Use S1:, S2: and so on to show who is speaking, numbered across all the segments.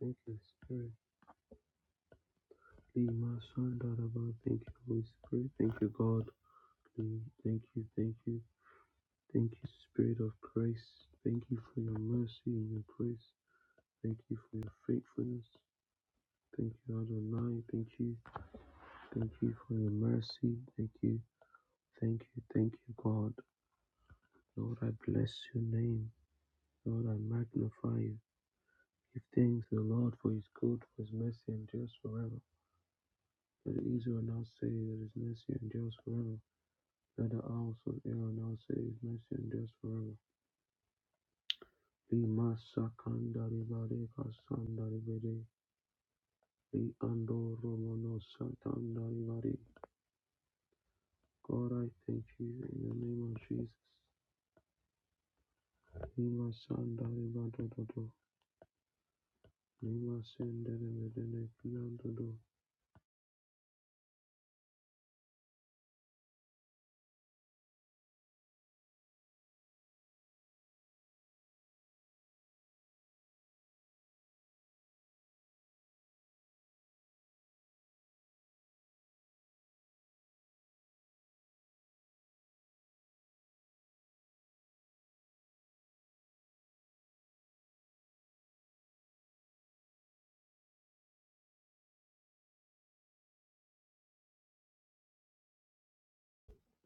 S1: Thank you, Spirit. Be my son, daughter, God. Thank you, Holy Spirit. Thank you, God. Thank you, thank you. Thank you, Spirit of grace. Thank you for your mercy and your grace. Thank you for your faithfulness. Thank you, Adonai. Thank you. Thank you for your mercy. Thank you. Thank you. Thank you, God. Lord, I bless your name. Lord, I magnify you. Give thanks to the Lord for his good, for his mercy endures forever. Let Israel now say that his mercy endures forever. Further also Ioannassa is mentioned just forever. Lima Sakandaribari Kasandaribari Liando Romano Satandaribari. God, I thank you in the name of Jesus. Lima Sandaribadododo. Lima Sendaribadene Piandodo.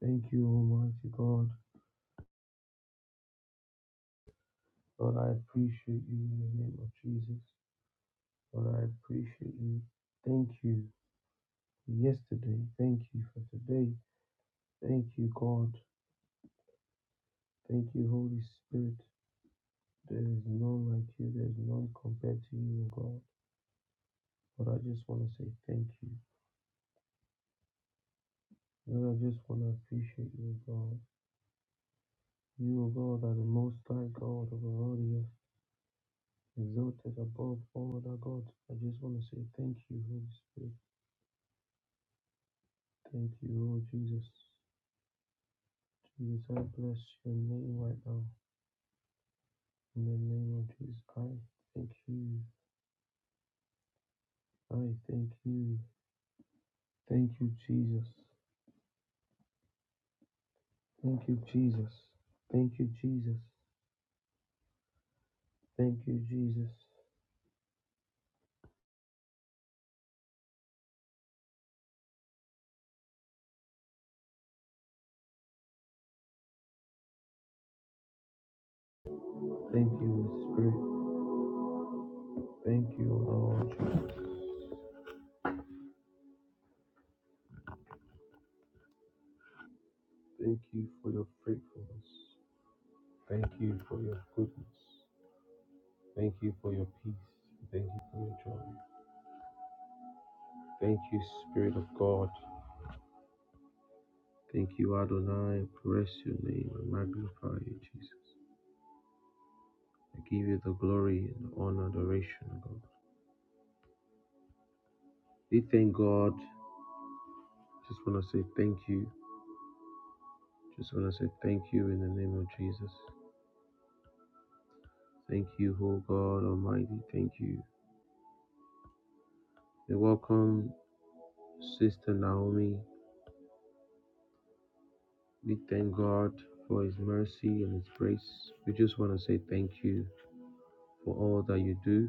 S1: Thank you, Almighty God. God, I appreciate you in the name of Jesus. God, I appreciate you. Thank you for yesterday. Thank you for today. Thank you, God. Thank you, Holy Spirit. There is none like you. There is none compared to you, O God. But I just want to say thank you. Lord, I just want to appreciate you, O God. You, O God, are the most high God of all the earth, exalted above all other gods. I just want to say thank you, Holy Spirit. Thank you, Lord Jesus. Jesus, I bless your name right now. In the name of Jesus, I thank you. I thank you. Thank you, Jesus. Thank you, Jesus. Thank you, Jesus. Thank you, Jesus. Thank you, Spirit. Thank you, Lord. Thank you for your faithfulness. Thank you for your goodness. Thank you for your peace. Thank you for your joy. Thank you, Spirit of God. Thank you, Adonai. Bless your name and magnify you, Jesus. I give you the glory and the honor, adoration, God. We thank God. Just want to say thank you. Just want to say thank you in the name of Jesus. Thank you, O God Almighty. Thank you. We welcome Sister Naomi. We thank God for His mercy and His grace. We just want to say thank you for all that you do.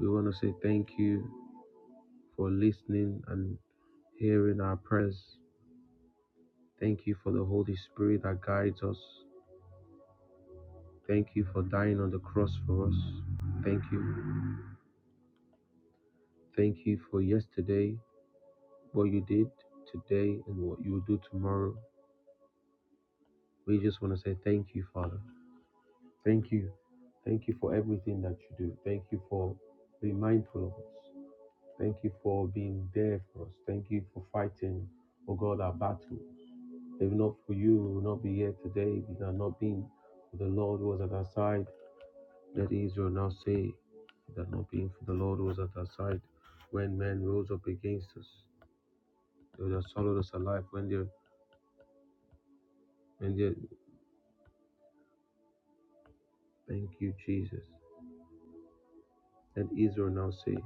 S1: We want to say thank you for listening and hearing our prayers. Thank you for the Holy Spirit that guides us. Thank you for dying on the cross for us. Thank you. Thank you for yesterday, what you did today, and what you will do tomorrow. We just want to say thank you, Father. Thank you. Thank you for everything that you do. Thank you for being mindful of us. Thank you for being there for us. Thank you for fighting, oh God, our battle. If not for you, we will not be here today. If it had not been for the Lord who was at our side, let Israel now say, If it had not been for the Lord who was at our side, when men rose up against us, they would have swallowed us alive. When they, when they, thank you, Jesus. Let Israel now say.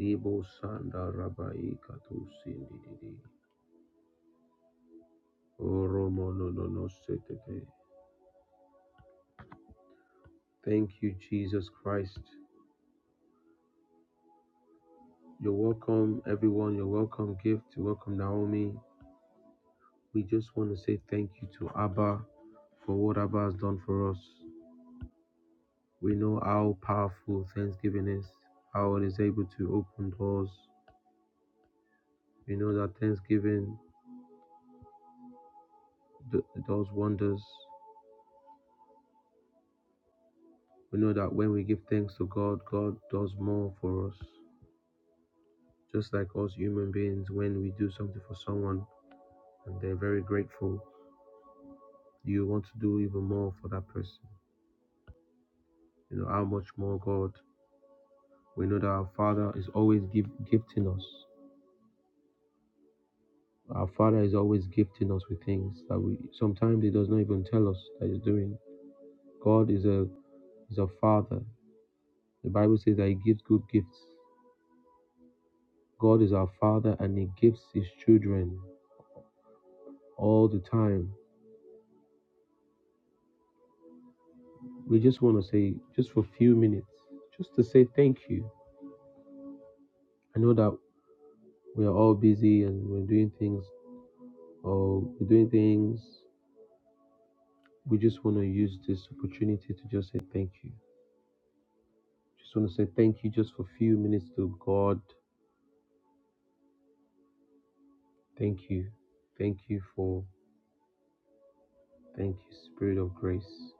S1: Ibo Sanda Rabai Katusindidi. Oromo no no no setete. Thank you, Jesus Christ. You're welcome, everyone. You're welcome, Gift. You're welcome, Naomi. We just want to say thank you to Abba for what Abba has done for us. We know how powerful Thanksgiving is, how it is able to open doors. We know that Thanksgiving d- does wonders. We know that when we give thanks to God, God does more for us. Just like us human beings, when we do something for someone and they're very grateful, you want to do even more for that person. You know, how much more God? We know that our Father is always give, gifting us. Our Father is always gifting us with things that we sometimes He does not even tell us that He's doing. God is a is a Father. The Bible says that He gives good gifts. God is our Father and He gives His children all the time. We just want to say, just for a few minutes, just to say thank you. I know that we are all busy and we're doing things or we're doing things we just want to use this opportunity to just say thank you just want to say thank you just for a few minutes to god thank you thank you for thank you spirit of grace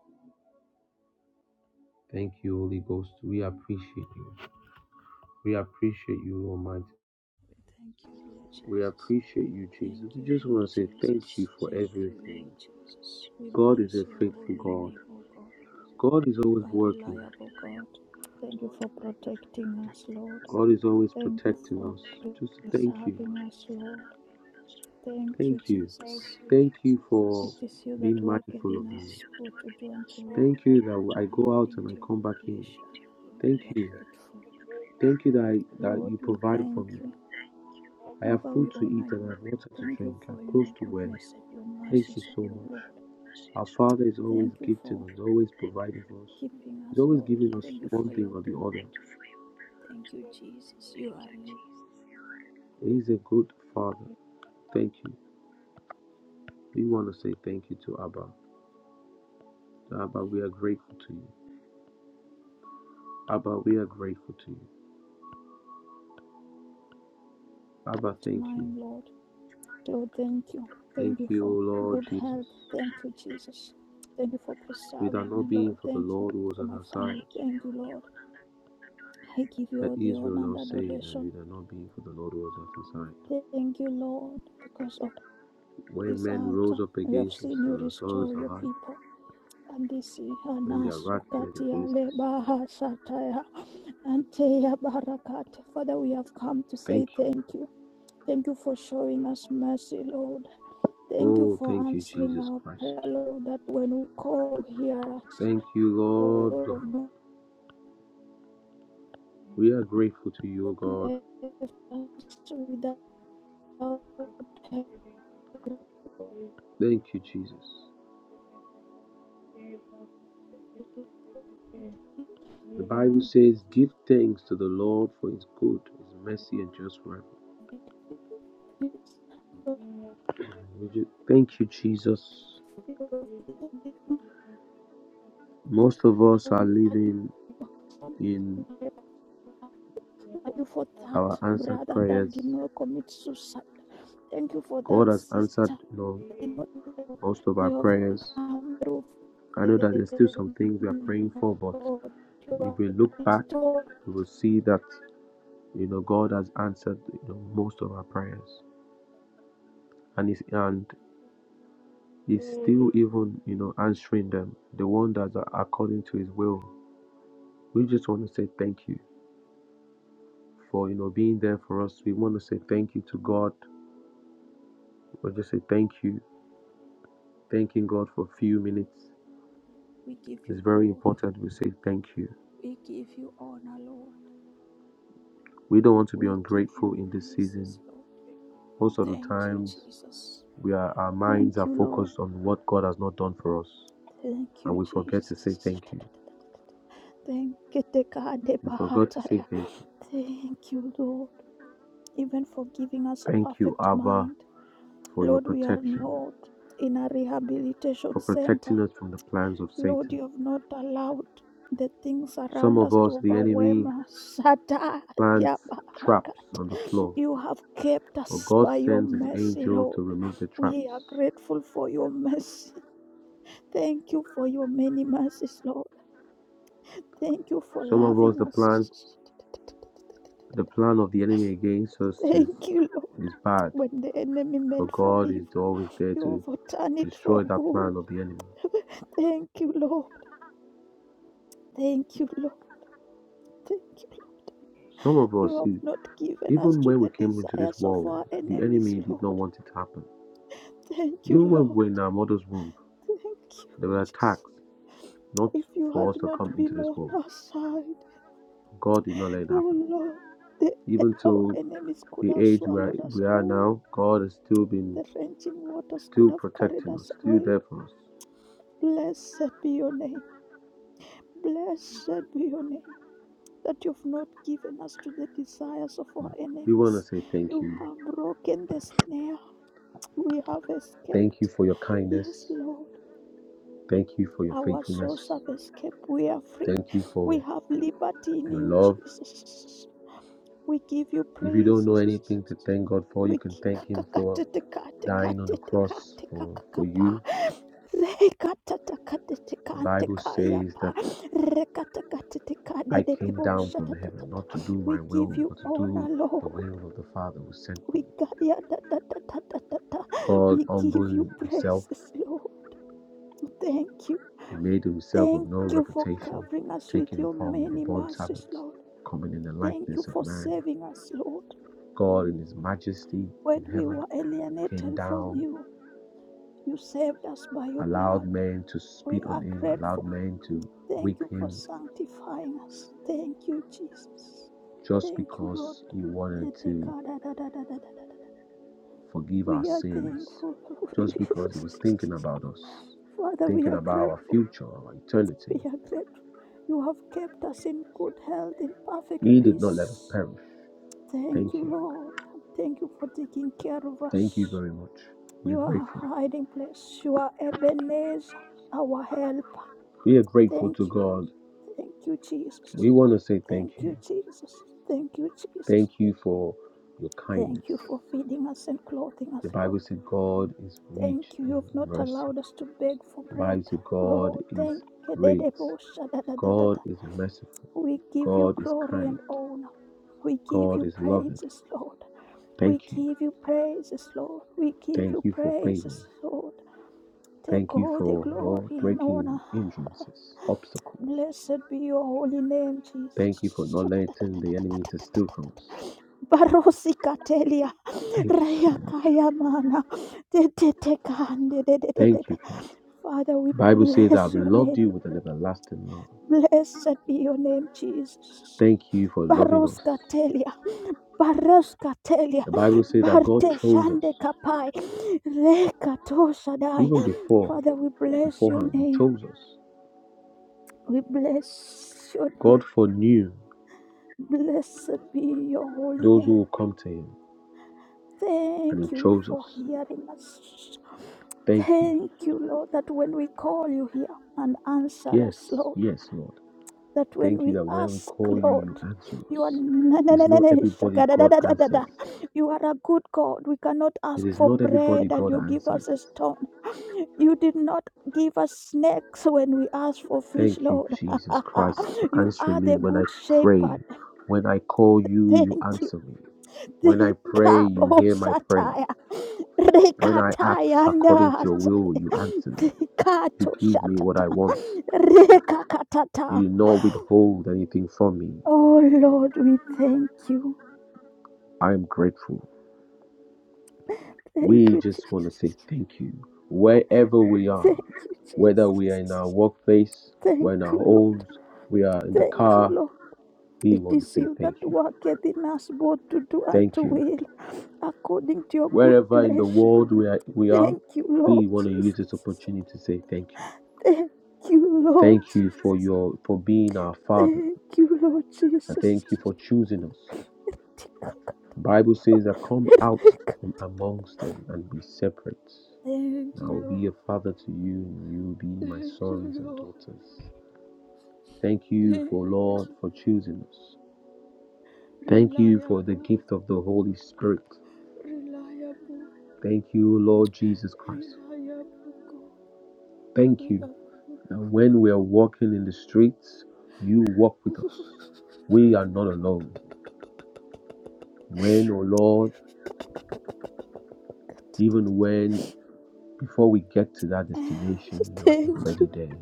S1: thank you holy ghost we appreciate you we appreciate you almighty
S2: We thank you, Lord
S1: we
S2: Jesus.
S1: appreciate you jesus
S2: Thank
S1: we
S2: you,
S1: just
S2: Lord
S1: want to say thank you
S2: Jesus.
S1: for
S2: Thank you,
S1: everything
S2: Lord Jesus. We
S1: god is
S2: bless
S1: a
S2: your
S1: faithful
S2: holy
S1: god
S2: name, O God.
S1: god is
S2: You
S1: always
S2: are
S1: working
S2: reliable, God. Thank you for protecting us, Lord.
S1: god is always
S2: Thank you
S1: protecting
S2: for
S1: us just thank you
S2: preserving us, Lord. Thank
S1: Thank
S2: you,
S1: you.
S2: Jesus.
S1: Thank you for
S2: It is you that
S1: being
S2: worketh
S1: mindful of
S2: in
S1: me.
S2: us, both to do and to will,
S1: Thank you that I go out
S2: according
S1: and
S2: to
S1: I
S2: your
S1: come
S2: good
S1: back in.
S2: pleasure. Lord,
S1: Thank
S2: we are
S1: you.
S2: grateful.
S1: Thank you that I, that
S2: Lord,
S1: you
S2: we
S1: provide for
S2: thank
S1: me.
S2: you.
S1: I have
S2: Abba,
S1: food
S2: we
S1: to eat
S2: honor
S1: and I
S2: you.
S1: have water to
S2: Thank you
S1: drink. I'm
S2: for
S1: close
S2: your
S1: to wear.
S2: goodness and your
S1: Thank you
S2: mercies,
S1: so
S2: O Lord.
S1: much. Our Father is always
S2: Thank you
S1: gifting
S2: for
S1: us, always providing for us.
S2: keeping us,
S1: He's always
S2: Lord.
S1: giving us
S2: Thank you
S1: one
S2: for
S1: thing
S2: your
S1: or the other.
S2: blood. Thank you, Jesus. You are
S1: He's a good Father. Thank you. We want to say thank you to Abba. Abba, we are grateful to you. Abba, we are grateful to you. Abba, thank you.
S2: mine, Lord. Lord, thank you.
S1: Thank
S2: Thank you
S1: you,
S2: for
S1: Lord
S2: good
S1: Jesus.
S2: health. Thank you, Jesus. Thank you for
S1: If it
S2: preserving
S1: had
S2: me,
S1: not been
S2: Lord.
S1: for the
S2: Thank you
S1: Lord who was
S2: for
S1: at
S2: my
S1: our
S2: family.
S1: side,
S2: Thank you, Lord. I give you
S1: let
S2: all the
S1: Israel
S2: honor and
S1: now say that
S2: adoration.
S1: if it had not been for the Lord who was at our side.
S2: Thank you, Lord, because of
S1: When
S2: this
S1: men
S2: altar.
S1: rose up
S2: We have
S1: against us,
S2: seen
S1: they
S2: you
S1: were swallowed
S2: restore your
S1: alive.
S2: people. Andisi
S1: When
S2: hana
S1: their wrath came
S2: sukati
S1: against
S2: le
S1: us,
S2: baha sataya anteya barakate. Father, we have come to
S1: thank
S2: say
S1: you.
S2: thank you. Thank you for showing us mercy, Lord. Thank you
S1: Oh,
S2: for
S1: thank you,
S2: answering
S1: Jesus
S2: our
S1: Christ.
S2: prayer, Lord, that when we call, hear us.
S1: Thank you, Lord God.
S2: Lord, not
S1: We are grateful to you, O God.
S2: left us without help.
S1: Thank you, Jesus. The Bible says, Give thanks to the Lord for his good, his mercy, and just right. Thank you, Jesus. Most of us are living in
S2: Thank you. Thank you for that
S1: our answered
S2: brother that
S1: prayers.
S2: did not commit suicide. Thank you for that
S1: God has answered
S2: sister.
S1: you know,
S2: You
S1: most of our
S2: have
S1: prayers.
S2: come through.
S1: I know that there's still some things we are praying for, but
S2: Lord. You are
S1: if we look back,
S2: restored.
S1: we will see that you know God has answered you know, most of our prayers, and is and is still even you know answering them, the one that are according to His will. We just want to say thank you for you know being there for us. We want to say thank you to God. We just say thank you Thanking God for a few minutes
S2: We give you
S1: is very
S2: glory.
S1: important. We say thank you.
S2: We give you honor, Lord.
S1: We don't
S2: We
S1: want to be
S2: give
S1: ungrateful
S2: you
S1: in this season.
S2: praises, Lord.
S1: Most of the
S2: Thank you,
S1: times,
S2: Jesus.
S1: we are, our minds
S2: Thank
S1: are
S2: you, Lord.
S1: focused on what God has not done for us,
S2: Thank
S1: and
S2: you,
S1: we forget to say
S2: Jesus.
S1: thank you.
S2: Thank you,
S1: We forgot to say thank you.
S2: Thank you, Lord. even for giving us a
S1: Thank you,
S2: perfect
S1: Abba,
S2: mind.
S1: for your
S2: Lord, we are
S1: protection,
S2: not in a rehabilitation
S1: for
S2: center.
S1: protecting us from the plans of
S2: Lord,
S1: Satan.
S2: you have not allowed the things
S1: Some
S2: around
S1: of
S2: us
S1: us,
S2: to
S1: the enemy
S2: overwhelm us. Shata ya
S1: plants traps on the
S2: barakate.
S1: floor,
S2: You have kept
S1: but
S2: us
S1: God
S2: by your
S1: sends his
S2: mercy,
S1: angel
S2: Lord.
S1: to remove the
S2: We
S1: traps.
S2: are grateful for your mercy. Thank you for your many mercies, Lord. Thank you for
S1: Some of us,
S2: loving
S1: the plan
S2: us.
S1: The plan of the enemy against us is,
S2: Thank you, Lord.
S1: is bad,
S2: When the enemy
S1: For
S2: meant for
S1: God is
S2: evil,
S1: always there
S2: you
S1: to
S2: overturn it for
S1: destroy that
S2: good.
S1: plan of the enemy.
S2: Thank you, Lord. Thank you, Lord. Thank you, Lord.
S1: Some of
S2: You
S1: us, e-
S2: have not given us
S1: even
S2: to
S1: when we
S2: the
S1: came into this
S2: desires of
S1: world,
S2: our
S1: the
S2: enemies,
S1: enemy did not
S2: Lord.
S1: want it to happen.
S2: Thank you,
S1: Even when
S2: Lord.
S1: we were in our mother's womb,
S2: Thank you,
S1: there were
S2: Jesus.
S1: attacks not
S2: If you
S1: for
S2: had
S1: us to
S2: not
S1: come into
S2: been
S1: this
S2: on
S1: world.
S2: our side,
S1: God did not let it
S2: oh
S1: happen.
S2: Lord, the,
S1: Even
S2: our
S1: to
S2: enemies could
S1: the
S2: have
S1: age where
S2: swallowed us
S1: we are
S2: whole.
S1: now, God has still been
S2: The drenching waters could
S1: still
S2: have carried
S1: protecting us,
S2: us
S1: still
S2: away.
S1: there for us.
S2: Blessed be your name. Blessed be your name. That you have not given us to the desires of our
S1: We want to
S2: enemies.
S1: say thank
S2: You
S1: you.
S2: have broken the snare. We have
S1: Thank you
S2: escaped.
S1: for your
S2: Yes,
S1: kindness.
S2: Lord.
S1: Thank you for your
S2: Our
S1: faithfulness.
S2: souls have escaped. We are free.
S1: Thank you
S2: We
S1: for
S2: have liberty in
S1: your
S2: you,
S1: love.
S2: Jesus. We give you
S1: If you don't
S2: praise.
S1: know anything to thank God for, you
S2: We
S1: can thank Him for dying on the cross for, for you. The Bible says that I came down from heaven not to do my will,
S2: give you
S1: but to
S2: honor,
S1: do the will
S2: Lord.
S1: of the Father who sent me. God
S2: We give you
S1: humbled Himself,
S2: praises, Lord. Thank you.
S1: He made Himself of
S2: Thank
S1: no
S2: you for
S1: reputation,
S2: covering us with
S1: taking the
S2: your
S1: form of a
S2: many
S1: born
S2: mercies,
S1: servant,
S2: Lord.
S1: coming in the
S2: Thank you
S1: likeness of
S2: for
S1: man.
S2: saving us, Lord.
S1: God, in His majesty
S2: When
S1: in
S2: we
S1: heaven,
S2: were
S1: came
S2: alienated from
S1: down
S2: you, you saved us by your
S1: allowed
S2: blood.
S1: men to
S2: We
S1: spit on
S2: are
S1: him, allowed
S2: grateful.
S1: men to
S2: Thank
S1: whip
S2: you for
S1: him
S2: sanctifying us. Thank you, Jesus.
S1: just
S2: Thank you, Lord.
S1: because he wanted to forgive our
S2: We are
S1: sins,
S2: thankful.
S1: just because he was thinking about us,
S2: Father, we
S1: thinking
S2: are
S1: about our
S2: grateful.
S1: future, our eternity.
S2: We are grateful. You have kept us in good health, in perfect
S1: He did not let us
S2: peace.
S1: perish.
S2: Thank
S1: Thank
S2: you,
S1: you.
S2: Lord. Thank you for taking care of
S1: Thank you
S2: us.
S1: very much. We're
S2: You are
S1: grateful.
S2: our hiding place. You are Ebenezer, our help.
S1: We are grateful to
S2: Thank you.
S1: God.
S2: Thank you,
S1: We
S2: Jesus.
S1: want to say thank
S2: Thank
S1: you.
S2: you, Jesus. Thank you, Jesus.
S1: Thank you for your kindness.
S2: Thank you for feeding us and clothing us,
S1: The Bible
S2: Lord.
S1: says God is
S2: Thank
S1: rich
S2: you. You
S1: in
S2: have not
S1: mercy.
S2: allowed us to beg for
S1: The
S2: bread,
S1: Bible says God
S2: Lord. Thank
S1: is
S2: you.
S1: great God is merciful.
S2: We give you
S1: God is
S2: glory
S1: kind.
S2: and honor. We give
S1: God
S2: you
S1: is loving.
S2: praises, Lord. We
S1: Thank you.
S2: give you praises, Lord. We give
S1: Thank
S2: you
S1: you for
S2: praises,
S1: favor.
S2: Lord. Take
S1: Thank you
S2: all the
S1: for not
S2: glory and
S1: breaking
S2: honor.
S1: hindrances, obstacles.
S2: Blessed be your holy name,
S1: Thank you for
S2: Jesus.
S1: not letting the enemy to steal from us.
S2: Barosika telia,
S1: Thank you so
S2: raya
S1: much.
S2: kaya mana, te te te kande de de de de.
S1: Thank
S2: de.
S1: you, God.
S2: Father, we
S1: The Bible says, I've
S2: bless your
S1: loved
S2: name.
S1: you with an everlasting love.
S2: Blessed be your name, Jesus.
S1: Thank you for loving us.
S2: Baroska telia, baroska telia,
S1: The Bible says that God
S2: barte
S1: chose us.
S2: shande kapai, reka toshadai.
S1: Even before,
S2: Father, we bless your
S1: beforehand, He
S2: name.
S1: chose us.
S2: We bless your name.
S1: God foreknew
S2: Blessed be your holy
S1: those
S2: name.
S1: who will come to Him, and
S2: Thank
S1: He
S2: you
S1: chose
S2: for
S1: us.
S2: hearing us.
S1: Thank you.
S2: Thank you, Lord, that when we call you here and answer
S1: Yes,
S2: us, Lord,
S1: yes, Lord.
S2: that when
S1: Thank you
S2: we
S1: that when we
S2: ask,
S1: call you,
S2: Lord,
S1: you answer
S2: you are
S1: us.
S2: na- na-
S1: It's
S2: na- na-
S1: not
S2: na-
S1: everybody God
S2: shakadadadadada.
S1: answers.
S2: you are a good God. We cannot
S1: It
S2: ask
S1: is
S2: for
S1: not everybody
S2: bread and
S1: God
S2: you give
S1: answers.
S2: us a stone. You did not give us snakes when we asked for fish,
S1: Thank you,
S2: Lord.
S1: Jesus Christ, for
S2: you are
S1: answering me
S2: the
S1: when I
S2: good
S1: pray.
S2: shepherd.
S1: When I call you,
S2: Thank
S1: you
S2: you.
S1: answer me. When I pray, you
S2: Dekabo
S1: hear my prayer.
S2: sataya.
S1: When I ask
S2: Rekataya
S1: according to your
S2: nasa.
S1: will, you answer me. You
S2: Dekato
S1: give me what
S2: shatata.
S1: I want.
S2: Rekakatata.
S1: You do not withhold anything from me.
S2: Oh Lord, we thank you.
S1: I am grateful.
S2: Thank
S1: We
S2: you,
S1: just want to say
S2: Jesus.
S1: thank you. Wherever we are,
S2: Thank you,
S1: whether we are in our
S2: Jesus.
S1: workplace, we're
S2: Thank
S1: in our
S2: you, Lord.
S1: homes, we are in the
S2: Thank you,
S1: car,
S2: Lord.
S1: we
S2: It
S1: want
S2: is
S1: to say
S2: you that
S1: thank you.
S2: worketh in us both to do and
S1: Thank
S2: to
S1: you.
S2: will. according to your good
S1: Wherever in the
S2: pleasure.
S1: world we are, we are,
S2: Thank you, Lord
S1: we want to use this
S2: Jesus.
S1: opportunity to say thank you.
S2: Thank you, Lord
S1: Thank you for
S2: Jesus.
S1: your for being our Father,
S2: Thank you, Lord
S1: and thank you
S2: Jesus.
S1: for choosing us. The Bible says that come out from amongst them and be separate.
S2: Thank
S1: And I
S2: you,
S1: will be
S2: Lord.
S1: a father to you, and you will be my
S2: Thank
S1: sons
S2: you,
S1: and
S2: Lord.
S1: daughters. Thank you
S2: Thank
S1: for Lord
S2: you,
S1: for
S2: Lord.
S1: choosing us. Thank you for the
S2: Reliable,
S1: gift of the Holy Spirit.
S2: reliable,
S1: Thank you, Lord Jesus Christ.
S2: reliable God.
S1: Thank
S2: We
S1: you
S2: are
S1: that
S2: grateful.
S1: when we are walking in the streets, you walk with us. We are not alone. When, oh Lord, even when before we get to that destination, you're
S2: thank
S1: already
S2: you.
S1: there.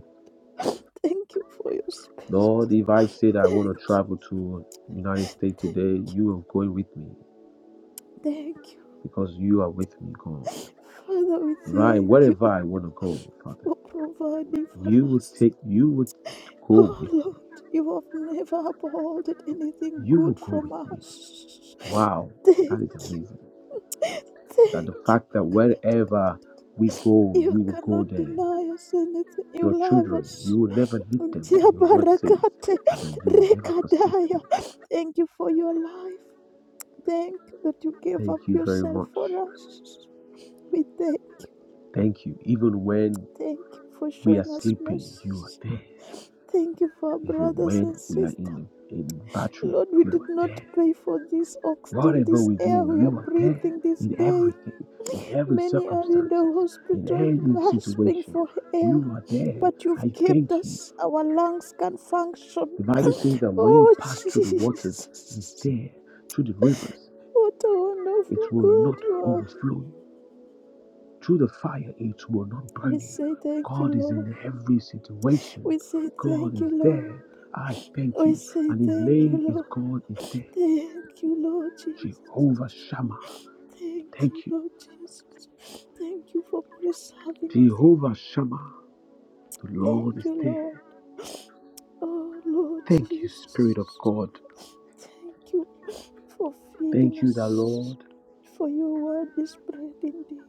S2: Thank you for your spirit.
S1: Lord, if I say that I
S2: Thank
S1: want to
S2: you.
S1: travel to United States today, you are going with me
S2: Thank you.
S1: because you are with me, God.
S2: Father, we
S1: If I
S2: thank you
S1: wherever I want to go, Father.
S2: for providing for
S1: You will
S2: us.
S1: take, you would go
S2: Oh
S1: with
S2: Lord,
S1: me.
S2: you have never abhorred anything
S1: You will
S2: good
S1: go
S2: from
S1: with me.
S2: us.
S1: Wow,
S2: Thank
S1: that is
S2: you,
S1: amazing. That
S2: thank
S1: the
S2: you.
S1: fact that wherever we go,
S2: You
S1: you will go
S2: cannot
S1: there.
S2: deny us anything. You
S1: Your
S2: love
S1: children, you
S2: us.
S1: will never leave them,
S2: Ntia
S1: and your word says,
S2: barakate
S1: and that you will never forsake
S2: rekadaya.
S1: them.
S2: Thank you for your life. Thank you that you gave
S1: Thank
S2: up
S1: you very
S2: yourself
S1: much.
S2: for us. We thank,
S1: Thank you. Even when
S2: thank you for
S1: we are
S2: showing us
S1: sleeping, you are
S2: mercy.
S1: there.
S2: Thank you for our
S1: Even
S2: brothers
S1: when
S2: and
S1: we are
S2: sisters.
S1: in in the bathroom,
S2: Lord, we
S1: you
S2: did
S1: are
S2: not
S1: there.
S2: pay for this oxygen,
S1: Whatever
S2: this
S1: we
S2: air
S1: do,
S2: we are
S1: you are there
S2: breathing this
S1: in
S2: day.
S1: everything, in every
S2: Many are in the
S1: circumstances, in
S2: hospital
S1: any
S2: gasping
S1: situation.
S2: for air,
S1: You are there.
S2: but you've
S1: I thank
S2: kept
S1: you.
S2: us. Our lungs can function.
S1: The Bible says that when you
S2: Oh,
S1: pass through the waters, it's
S2: Jesus.
S1: there. Through the rivers,
S2: What a wonderful
S1: it will
S2: God
S1: not
S2: you
S1: overflow you. Through the fire, it will not
S2: are.
S1: burn
S2: We
S1: you.
S2: say thank you,
S1: God is
S2: Lord.
S1: in every situation.
S2: We say
S1: God
S2: thank you,
S1: is
S2: Lord.
S1: there. I thank
S2: We
S1: you.
S2: say
S1: And his
S2: thank
S1: name
S2: you,
S1: is
S2: Lord.
S1: God is there.
S2: Thank you, Lord Jesus.
S1: Jehovah Shammah.
S2: Thank you,
S1: Thank you.
S2: Lord Jesus. Thank you for preserving us, Lord.
S1: Jehovah Shammah. The
S2: Thank
S1: Lord is
S2: you,
S1: there.
S2: Lord. Oh, Lord
S1: Thank you, Spirit of
S2: Jesus.
S1: God.
S2: Thank you for feeding
S1: Thank you, the
S2: us.
S1: Lord.
S2: For your word is bread indeed.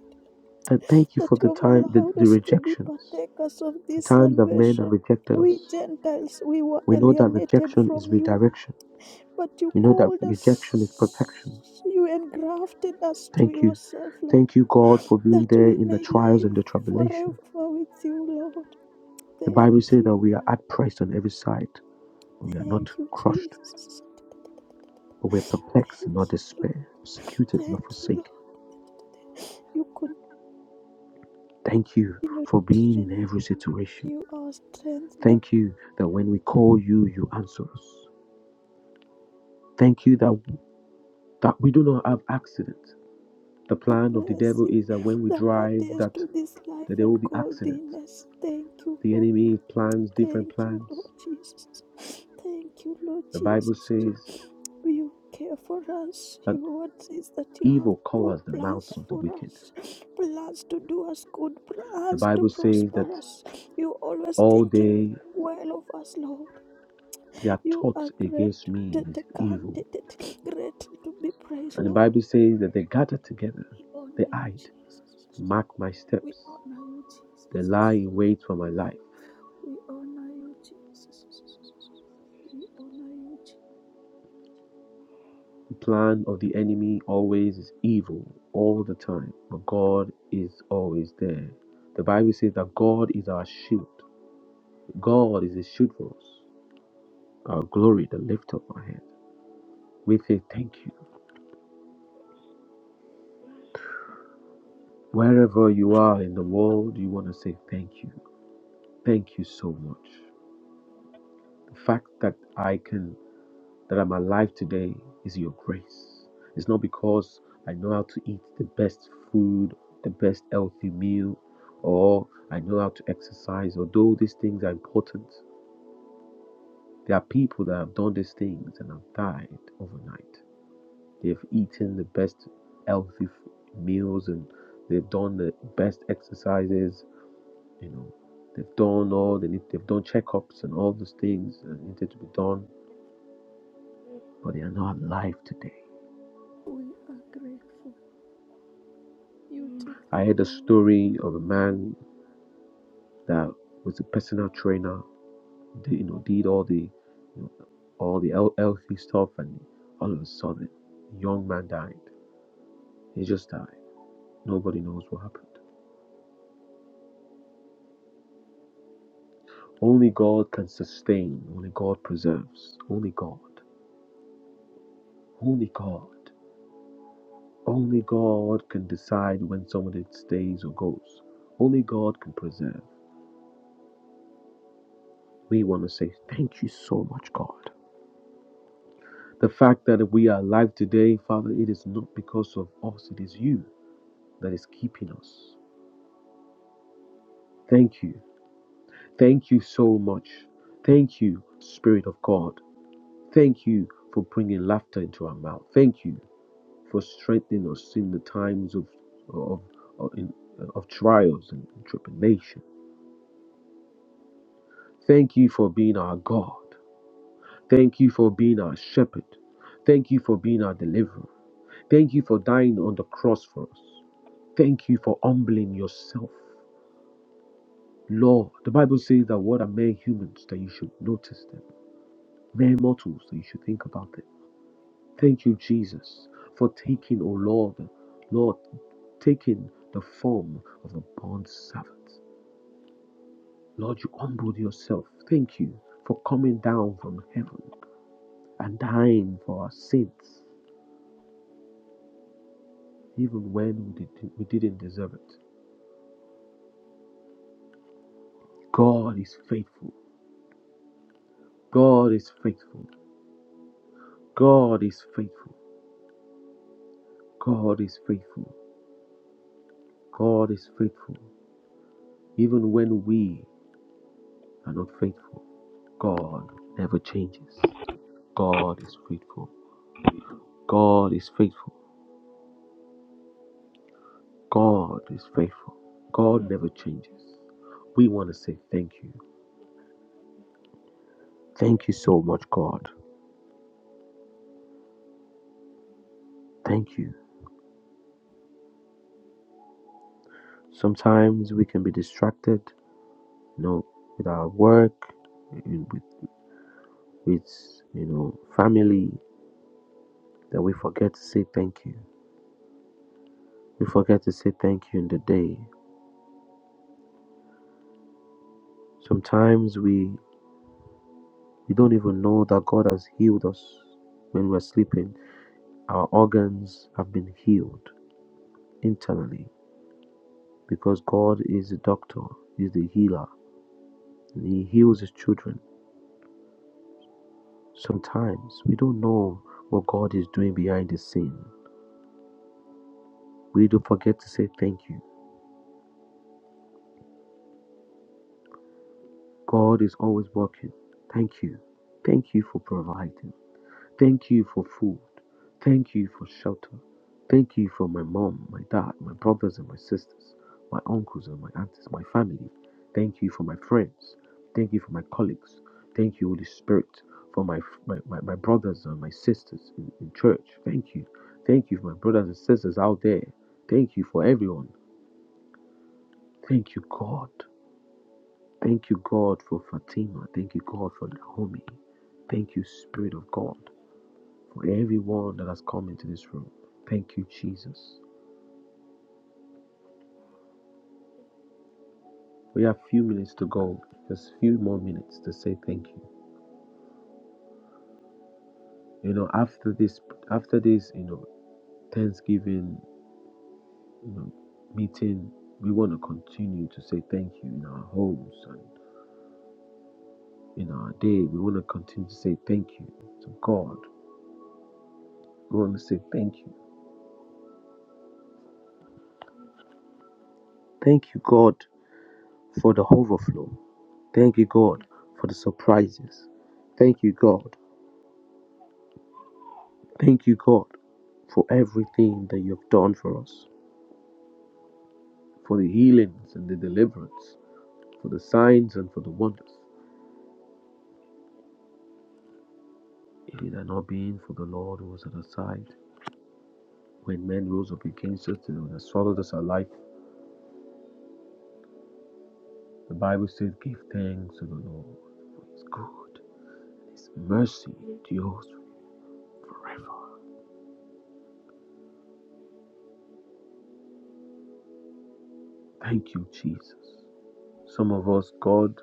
S1: And thank you
S2: That
S1: for
S2: you
S1: the
S2: have
S1: time, the,
S2: allowed
S1: the
S2: us to be
S1: rejections,
S2: partakers of
S1: the
S2: this
S1: times that men have
S2: salvation.
S1: rejected
S2: We
S1: us.
S2: Gentiles, we were
S1: We know that
S2: alienated
S1: rejection is
S2: from you,
S1: redirection.
S2: but you
S1: We know that
S2: called
S1: rejection is
S2: us,
S1: protection.
S2: you engrafted us to
S1: Thank you.
S2: yourself, Lord,
S1: Thank you, God, for being
S2: that
S1: there
S2: we
S1: in the
S2: may
S1: trials
S2: live
S1: and the
S2: forever
S1: tribulation.
S2: with you, Lord.
S1: The Bible
S2: Thank
S1: says
S2: you,
S1: that we are outpriced on every side. We are not
S2: thank you,
S1: crushed,
S2: Jesus.
S1: but we are
S2: Thank
S1: perplexed
S2: you,
S1: and not
S2: Lord.
S1: despair, persecuted, not
S2: Thank you, Lord.
S1: forsaken.
S2: You
S1: Thank you
S2: continue
S1: for being
S2: to
S1: in every situation.
S2: renew our strength, day
S1: Thank you that when we call you, you answer us. Thank you that, that we do not have accidents. The
S2: of
S1: plan of the devil
S2: mercy
S1: is that when we
S2: that
S1: drive,
S2: pertains
S1: that,
S2: to this life
S1: that there
S2: and
S1: will be accidents.
S2: godliness. Thank you,
S1: The
S2: Lord.
S1: enemy plans different
S2: Thank you, Lord
S1: plans.
S2: Jesus. Thank you, Lord
S1: The Bible
S2: Jesus.
S1: says
S2: You care for us.
S1: that
S2: Your word says that you have
S1: evil
S2: good
S1: covers the mouth
S2: plans
S1: of the
S2: for
S1: wicked.
S2: us, plans to do us good,
S1: The
S2: plans to
S1: Bible says that
S2: prosper us. You're always
S1: all
S2: thinking
S1: day
S2: well of us, Lord.
S1: they are
S2: You are
S1: taught
S2: great,
S1: against me
S2: t-
S1: is
S2: t- can- t-
S1: evil.
S2: t- t- great to be praised,
S1: And the
S2: Lord.
S1: Bible says that they gather together,
S2: We
S1: they
S2: honor you,
S1: hide,
S2: Jesus.
S1: mark my
S2: We
S1: steps,
S2: honor you,
S1: they lie
S2: Jesus.
S1: in wait for my life.
S2: We honor you, Jesus. We honor you, Jesus.
S1: The plan of the enemy always is evil all the time, but God is always there. The Bible says that God is our shield. God is a shield for us, our glory, the lift of our head. We say thank you. Wherever you are in the world, you want to say thank you. Thank you so much. The fact that I can that I'm alive today is your grace. It's not because I know how to eat the best food, the best healthy meal, or I know how to exercise, although these things are important. There are people that have done these things and have died overnight. They've eaten the best healthy meals and they've done the best exercises, you know. They've done all they need, they've done checkups and all those things that needed to be done, but they are not alive today
S2: We are grateful. You take
S1: I
S2: the
S1: heard a
S2: glory.
S1: story of a man that was a personal trainer. Did, you know, did all the you know, all the healthy stuff, and all of a sudden, the young man died. He just died. Nobody knows what happened. Only God can sustain. Only God preserves. Only God. Only God. Only God can decide when someone stays or goes. Only God can preserve. We want to say thank you so much, God. The fact that we are alive today, Father, it is not because of us, it is you that is keeping us. Thank you. Thank you so much. Thank you, Spirit of God. Thank you for bringing laughter into our mouth. Thank you for strengthening us in the times of of of, in, of trials and tribulation. Thank you for being our God. Thank you for being our shepherd. Thank you for being our deliverer. Thank you for dying on the cross for us. Thank you for humbling yourself. Lord, the Bible says that what are mere humans that you should notice them, mere mortals that you should think about them. Thank you, Jesus, for taking, oh Lord, Lord, taking the form of a bond servant. Lord, you humbled yourself. Thank you for coming down from heaven and dying for our sins, even when we, did, we didn't deserve it. God is faithful. God is faithful. God is faithful. God is faithful. God is faithful. Even when we are not faithful, God never changes. God is faithful. God is faithful. God is faithful. God never changes. We want to say thank you. Thank you so much, God. Thank you. Sometimes we can be distracted, you know, with our work, with, with you know, family, that we forget to say thank you. We forget to say thank you in the day. Sometimes we, we don't even know that God has healed us when we're sleeping. Our organs have been healed internally because God is the doctor, He's the healer, and He heals His children. Sometimes we don't know what God is doing behind the scene. We do forget to say thank you. God is always working. Thank you. Thank you for providing. Thank you for food. Thank you for shelter. Thank you for my mom, my dad, my brothers and my sisters, my uncles and my aunties, my family. Thank you for my friends. Thank you for my colleagues. Thank you, Holy Spirit, for my my, my, my brothers and my sisters in, in church. Thank you. Thank you for my brothers and sisters out there. Thank you for everyone. Thank you, God. Thank you, God, for Fatima. Thank you, God, for Naomi. Thank you, Spirit of God for everyone that has come into this room. Thank you, Jesus. We have few minutes to go, just few more minutes to say thank you. You know, after this, after this, you know, Thanksgiving you know, meeting, we want to continue to say thank you in our homes and in our day. We want to continue to say thank you to God. We want to say thank you. Thank you, God, for the overflow. Thank you, God, for the surprises. Thank you, God, Thank you, God, for everything that you have done for us, for the healings and the deliverance, for the signs and for the wonders. If it had not been for the Lord who was at our side, when men rose up against us, they would have swallowed us alive. The Bible says, Give thanks to the Lord, for his good, his mercy endures forever. Thank you, Jesus. Some of us, God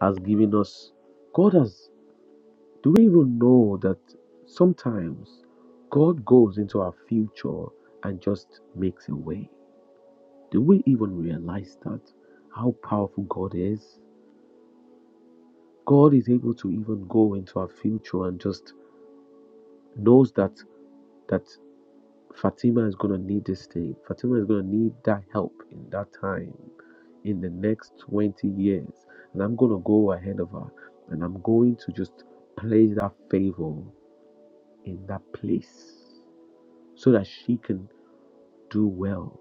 S1: has given us, God has Do we even know that sometimes God goes into our future and just makes a way? Do we even realize that? How powerful God is? God is able to even go into our future and just knows that that Fatima is gonna need this thing. Fatima is gonna need that help in that time, in the next 20 years. And I'm gonna go ahead of her and I'm going to just place that favor in that place. so that she can do well.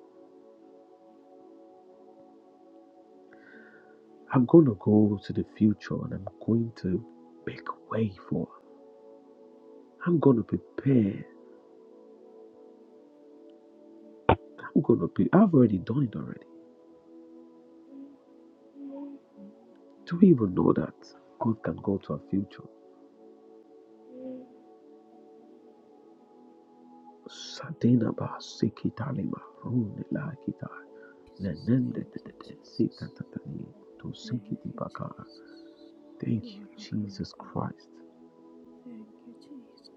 S1: I'm going to go to the future and I'm going to make way for her. I'm going to prepare. I'm going to be, I've already done it already. Do we even know that God can go to our future?
S2: Jesus, thank you, Jesus. Thank you, Jesus.
S1: Thank
S2: You
S1: you,
S2: are a good
S1: Jesus
S2: God.
S1: Christ.
S2: Thank you, Jesus.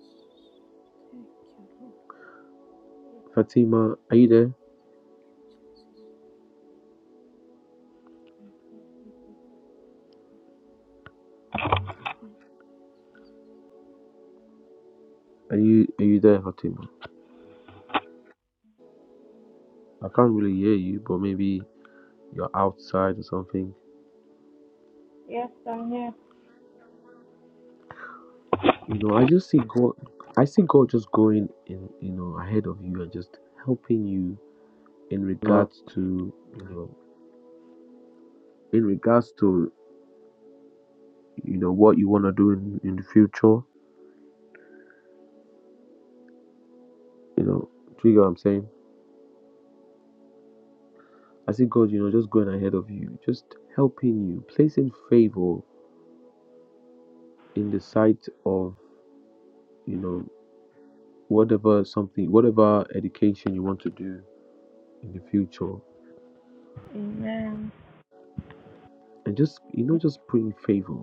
S2: Thank you, Lord
S1: Fatima, are you there?
S2: Jesus.
S1: Are you are you there, Fatima? I can't really hear you, but maybe you're outside or something.
S3: Yes, I'm here.
S1: You know, I just see God. I see God just going in, you know, ahead of you and just helping you in
S3: Lord.
S1: regards to, you know, in regards to, you know, what you want to do in, in the future. You know, do you get what I'm saying? I see God, you know, just going ahead of you, just helping you, placing favor in the sight of, you know, whatever something, whatever education you want to do in the future.
S3: Amen.
S1: and just you know just praying favor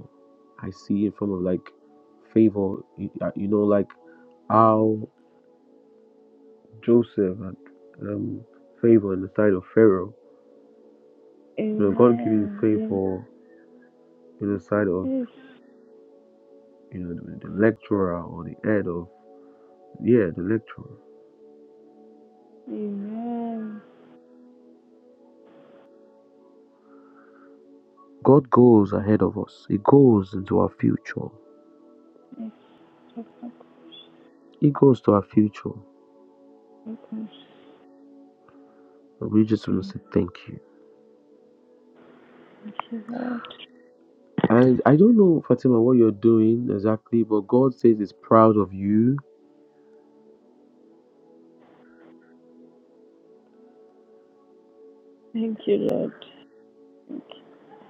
S1: i see in form of like favor you, uh, you know like how joseph had um favor in the sight of pharaoh you know god giving
S3: Amen. In
S1: favor in the sight of you know the, the lecturer or the head of yeah the lecturer
S3: Amen.
S1: god goes ahead of us he goes into our future
S3: Yes. Welcome.
S1: he goes to our future and we just want to
S3: Thank
S1: say thank you
S3: you, Lord.
S1: and i don't know fatima what you're doing exactly but god says he's proud of you
S3: Thank you, Lord. Thank you,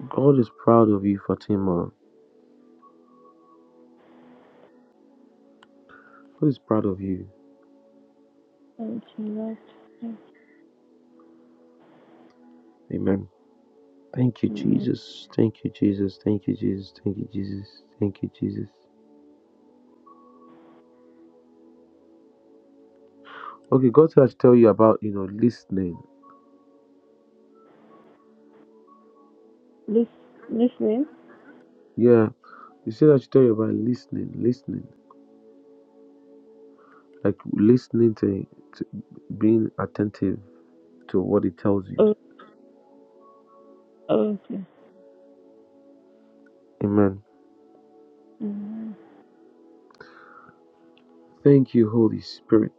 S1: God is proud of you, Fatima. God is proud of you.
S3: Thank you Lord. Thank
S1: Amen. Thank you,
S3: you, Lord.
S1: Jesus. Thank you, Jesus. Thank you, Jesus. Thank you, Jesus. Thank you, Jesus. Okay, God said I should tell you about, you know, listening.
S3: Lis- Listening?
S1: Yeah. He said I should tell you about listening, listening. Like listening to, to being attentive to what He tells you.
S3: Oh, oh, okay.
S1: Amen.
S3: Hmm.
S1: Thank you, Holy Spirit.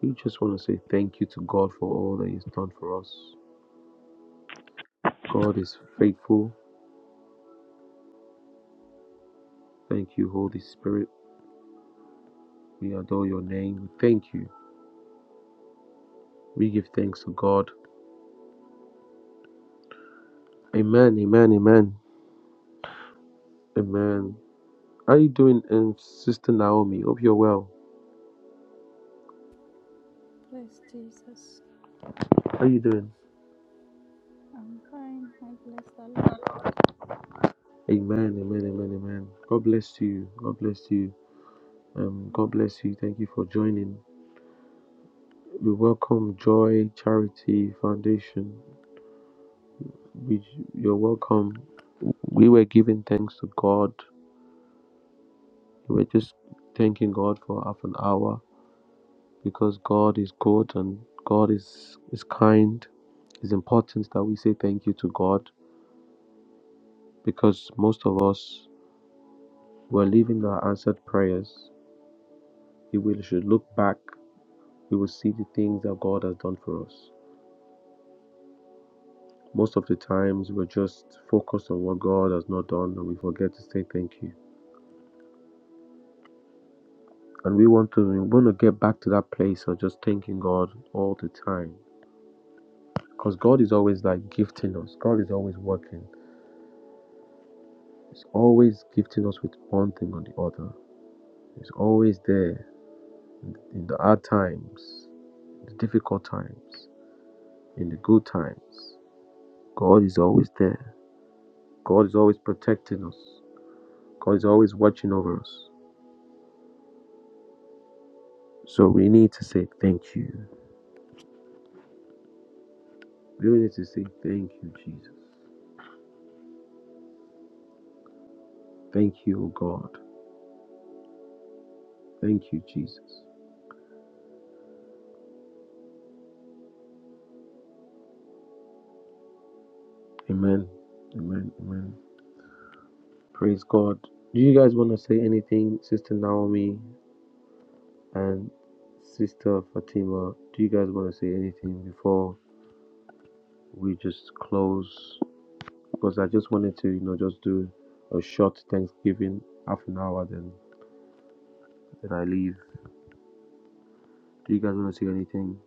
S1: We just want to say thank you to God for all that He's done for us. God is faithful. Thank you, Holy Spirit. We adore your name. We thank you. We give thanks to God. Amen. Amen. Amen. Amen. How are you doing, um, Sister Naomi? Hope you're well.
S2: Praise Jesus.
S1: How are you doing?
S2: I'm fine. I bless the Lord.
S1: Amen. Amen. Amen. Amen. God bless you. God bless you. Um, God
S2: Amen.
S1: bless you. Thank you for joining. We welcome Joy Charity Foundation. We, you're welcome. We were giving thanks to God. We were just thanking God for half an hour because God is good and God is, is kind. It's important that we say thank you to God because most of us, we're living our answered prayers. If we should look back, we will see the things that God has done for us. Most of the times, we're just focused on what God has not done and we forget to say thank you. And we want to we want to get back to that place of just thanking God all the time. Because God is always like gifting us. God is always working. He's always gifting us with one thing or the other. He's always there in the hard times, the difficult times, in the good times. God is always there. God is always protecting us. God is always watching over us. So we need to say thank you. We really need to say thank you, Jesus. Thank you, O God. Thank you, Jesus. Amen. Amen. Amen. Praise God. Do you guys want to say anything, Sister Naomi? And Sister Fatima, do you guys want to say anything before we just close? Because I just wanted to, you know, just do a short Thanksgiving, half an hour, then then I leave. Do you guys want to say anything?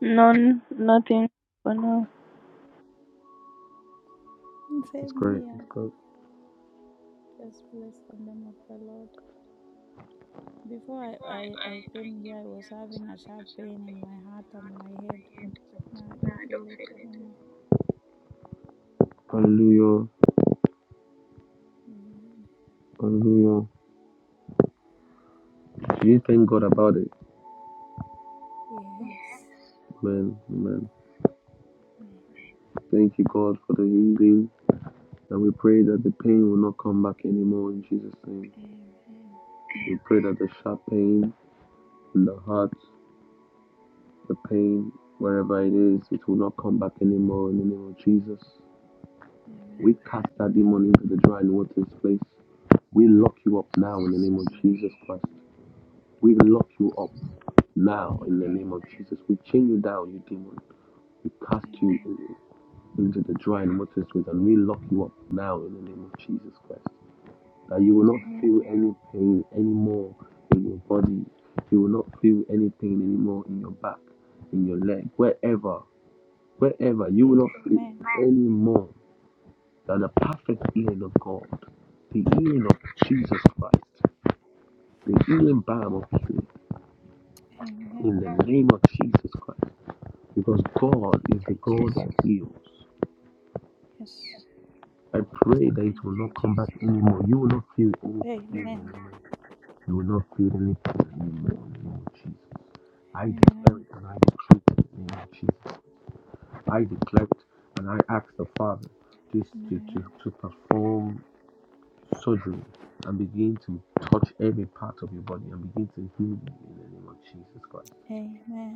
S3: None, nothing for now.
S1: That's
S2: Same
S1: great.
S2: here.
S1: That's great.
S2: Just bless the name of the Lord. Before I, I, I came here, I was having a sharp pain in my heart and my head, but now I don't feel it anymore.
S1: Hallelujah.
S2: Amen.
S1: Hallelujah. Do you thank God about it?
S2: Yes.
S1: Amen. Amen.
S2: Amen.
S1: Thank you, God, for the healing. And we pray that the pain will not come back anymore in Jesus' name.
S2: Amen.
S1: We pray that the sharp pain in the heart the pain, wherever it is, it will not come back anymore in the name of Jesus. We
S2: Amen.
S1: cast that demon into the dry and watery place. We lock you up now in the
S2: Jesus'
S1: name of
S2: name.
S1: Jesus Christ. We lock you up now in the name
S2: Amen.
S1: of Jesus. We chain you down, you demon. We cast you
S2: Amen. Amen.
S1: into the dry and watery place and we lock you up now in the name of Jesus Christ. That you will not
S2: Amen.
S1: feel any pain anymore in your body. You will not feel any pain anymore in your back, in your leg, wherever Wherever you will not sleep anymore than the perfect healing of God, the healing of Jesus Christ, the healing balm of healing
S2: Amen.
S1: in the name of Jesus Christ, because God is
S2: Thank you,
S1: the God
S2: Jesus.
S1: that heals.
S2: Yes.
S1: I pray that it
S2: Thank
S1: will not come back
S2: you,
S1: anymore. You will not feel any pain
S2: Jesus. Amen.
S1: anymore. You will not feel any pain anymore in the name of Jesus. I declare
S2: Amen.
S1: it and I decree it in the name of Jesus. I declare it and I ask the Father just to, to,
S2: Amen.
S1: to perform surgery and begin to touch every part of your body and begin to heal you in the name of Jesus Christ.
S2: Amen.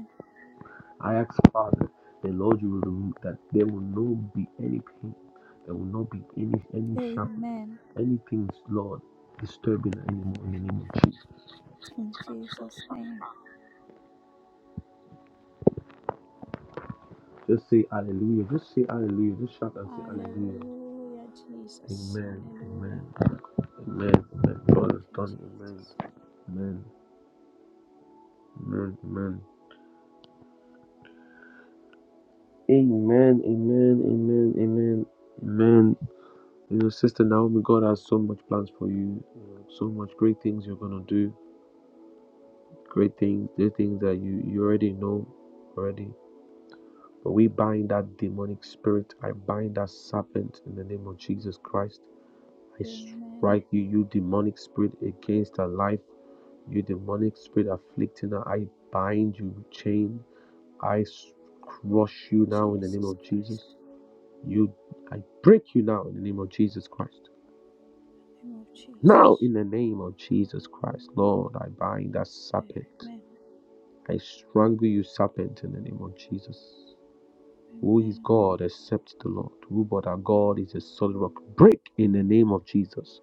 S1: I ask Father, the Lord, you will remove that there will not be any pain, there will not be any any sharpness,
S2: Amen.
S1: anything, Lord, disturbing anymore in the name of Jesus.
S2: In Jesus' name.
S1: Just say hallelujah. Just say hallelujah. Just shout and say hallelujah.
S2: Hallelujah, Jesus.
S1: Amen.
S2: Hallelujah.
S1: Amen. Amen. Amen. God
S2: Thank
S1: has
S2: you,
S1: done it. Amen.
S2: Jesus.
S1: Amen. Amen. Amen. Amen. Amen. Amen. Amen. Amen. You know, Sister Naomi, God has so much plans for you, you know, so much great things you're gonna do, great things, the things that you you already know already. But we bind that demonic spirit. I bind that serpent in the name of Jesus Christ. I
S2: Amen.
S1: strike you, you demonic spirit, against her life. You demonic spirit afflicting her. I bind you, chain. I crush you now in the name
S2: Jesus
S1: of
S2: Christ.
S1: Jesus. You, I break you now in the name of Jesus Christ.
S2: In the Name of
S1: Now,
S2: Jesus.
S1: in the name of Jesus Christ, Lord, I bind that serpent.
S2: Amen.
S1: I strangle you, serpent, in the name of Jesus. Who is
S2: Amen.
S1: God except the Lord? Who but our God is a solid rock? Break in the name of Jesus.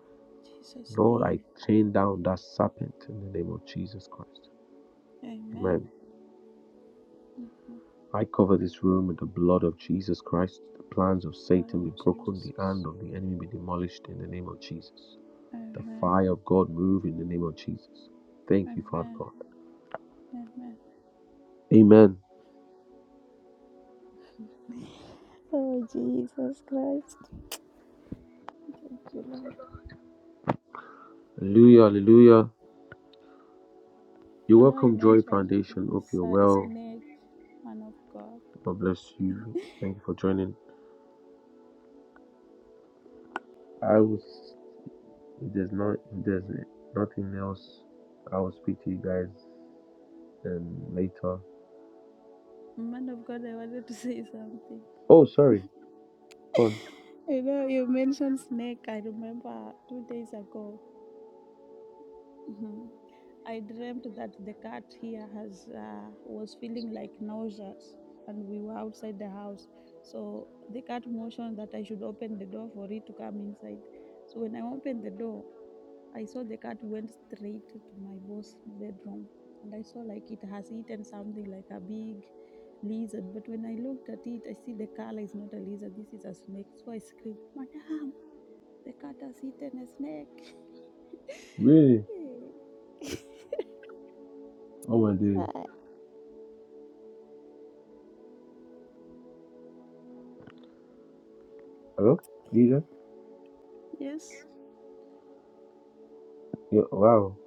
S2: Jesus'
S1: Lord,
S2: name.
S1: I chain down that serpent in the name of Jesus Christ.
S2: Amen.
S1: Amen.
S2: Amen.
S1: I cover this room with the blood of Jesus Christ. The plans of
S2: Blood
S1: Satan
S2: of
S1: be broken, the hand
S2: Jesus.
S1: of the enemy be demolished in the name of Jesus. The
S2: Amen.
S1: fire of God move in the name of Jesus. Thank you, Father
S2: Amen.
S1: God.
S2: Amen.
S1: Amen.
S2: Oh, Jesus Christ. Thank you, Lord.
S1: Hallelujah, hallelujah. you
S2: You know, you
S1: welcome, Joy
S2: mentioned
S1: Foundation. Hope
S2: it's
S1: you're
S2: a
S1: well.
S2: snake, man of God.
S1: God bless you. Thank you for joining. I was if there's not if there's nothing else, I will speak to you guys um later.
S2: Man of God, I wanted to say something.
S1: Oh sorry, Go on.
S2: You know, you mentioned snake. I remember two days ago, mhm, I dreamt that the cat here has uh, was feeling like nauseous, and we were outside the house. So the cat motioned that I should open the door for it to come inside. So when I opened the door, I saw the cat went straight to my boss' bedroom and I saw like it has eaten something like a big lizard. But when I looked at it, I see the color is not a lizard, this is a snake. So I scream, Madam, the cat has eaten a snake.
S1: Really? Oh my days. Hello? Are
S2: yes.
S1: Yeah, wow.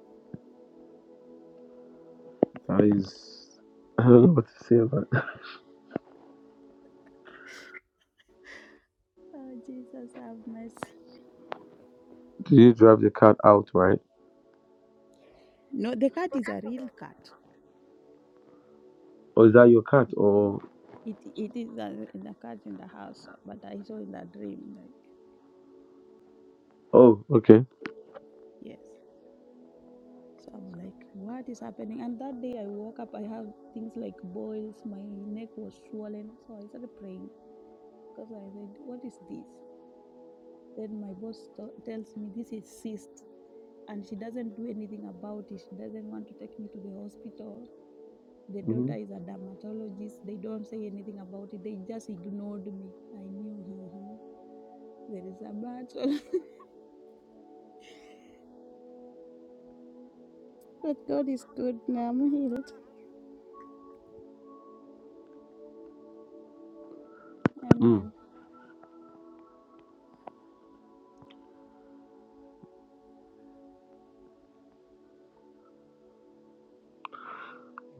S1: That is I don't know what to say about that.
S2: Oh, Jesus, have mercy.
S1: Did you drive the cat out, right?
S2: No, the cat is a real cat.
S1: Or is that your cat or
S2: It, it is a, in the cat in the house, but I saw in the dream, like,
S1: oh okay.
S2: yes. So I'm like, what is happening? And that day I woke up, I have things like boils, my neck was swollen. So I started praying because I said, what is this? Then my boss t- tells me this is cyst and she doesn't do anything about it. She doesn't want to take me to the hospital. The
S1: Mm-hmm.
S2: daughter is a dermatologist. They don't say anything about it. They just ignored me. I knew, uh-huh, there is a battle. but God is good. Now I'm healed.
S1: Mm.
S2: Amen.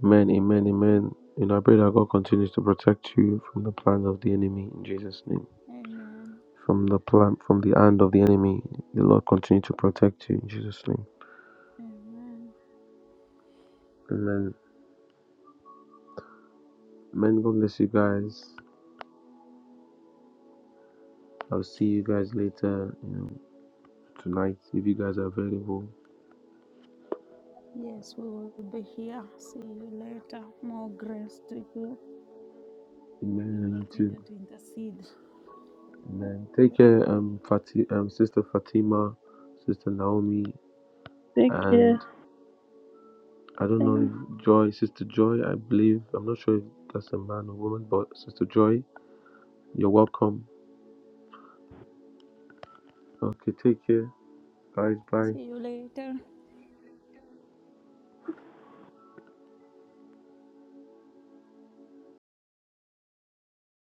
S1: Amen, amen, amen. And I pray that God continues to protect you from the plans of the enemy in Jesus' name.
S2: Amen.
S1: From the plan, from the hand of the enemy, the Lord continue to protect you in Jesus' name.
S2: Amen.
S1: Amen. Amen. God bless you guys. I'll see you guys later. You know, tonight if you guys are available.
S2: Yes, we will be here. See you later. More grace to you. We
S1: Amen. And you too.
S2: continue to intercede
S1: Amen.
S2: for
S1: Take
S2: the
S1: care,
S2: people of
S1: um,
S2: God.
S1: Fati- um, Sister Fatima, Sister Naomi,
S3: Take care.
S1: and I don't know
S3: Thank
S1: if Joy, Sister Joy. I believe I'm not sure if that's a man or woman, but Sister Joy. You're welcome. Okay, take care, guys. Bye.
S2: See you later.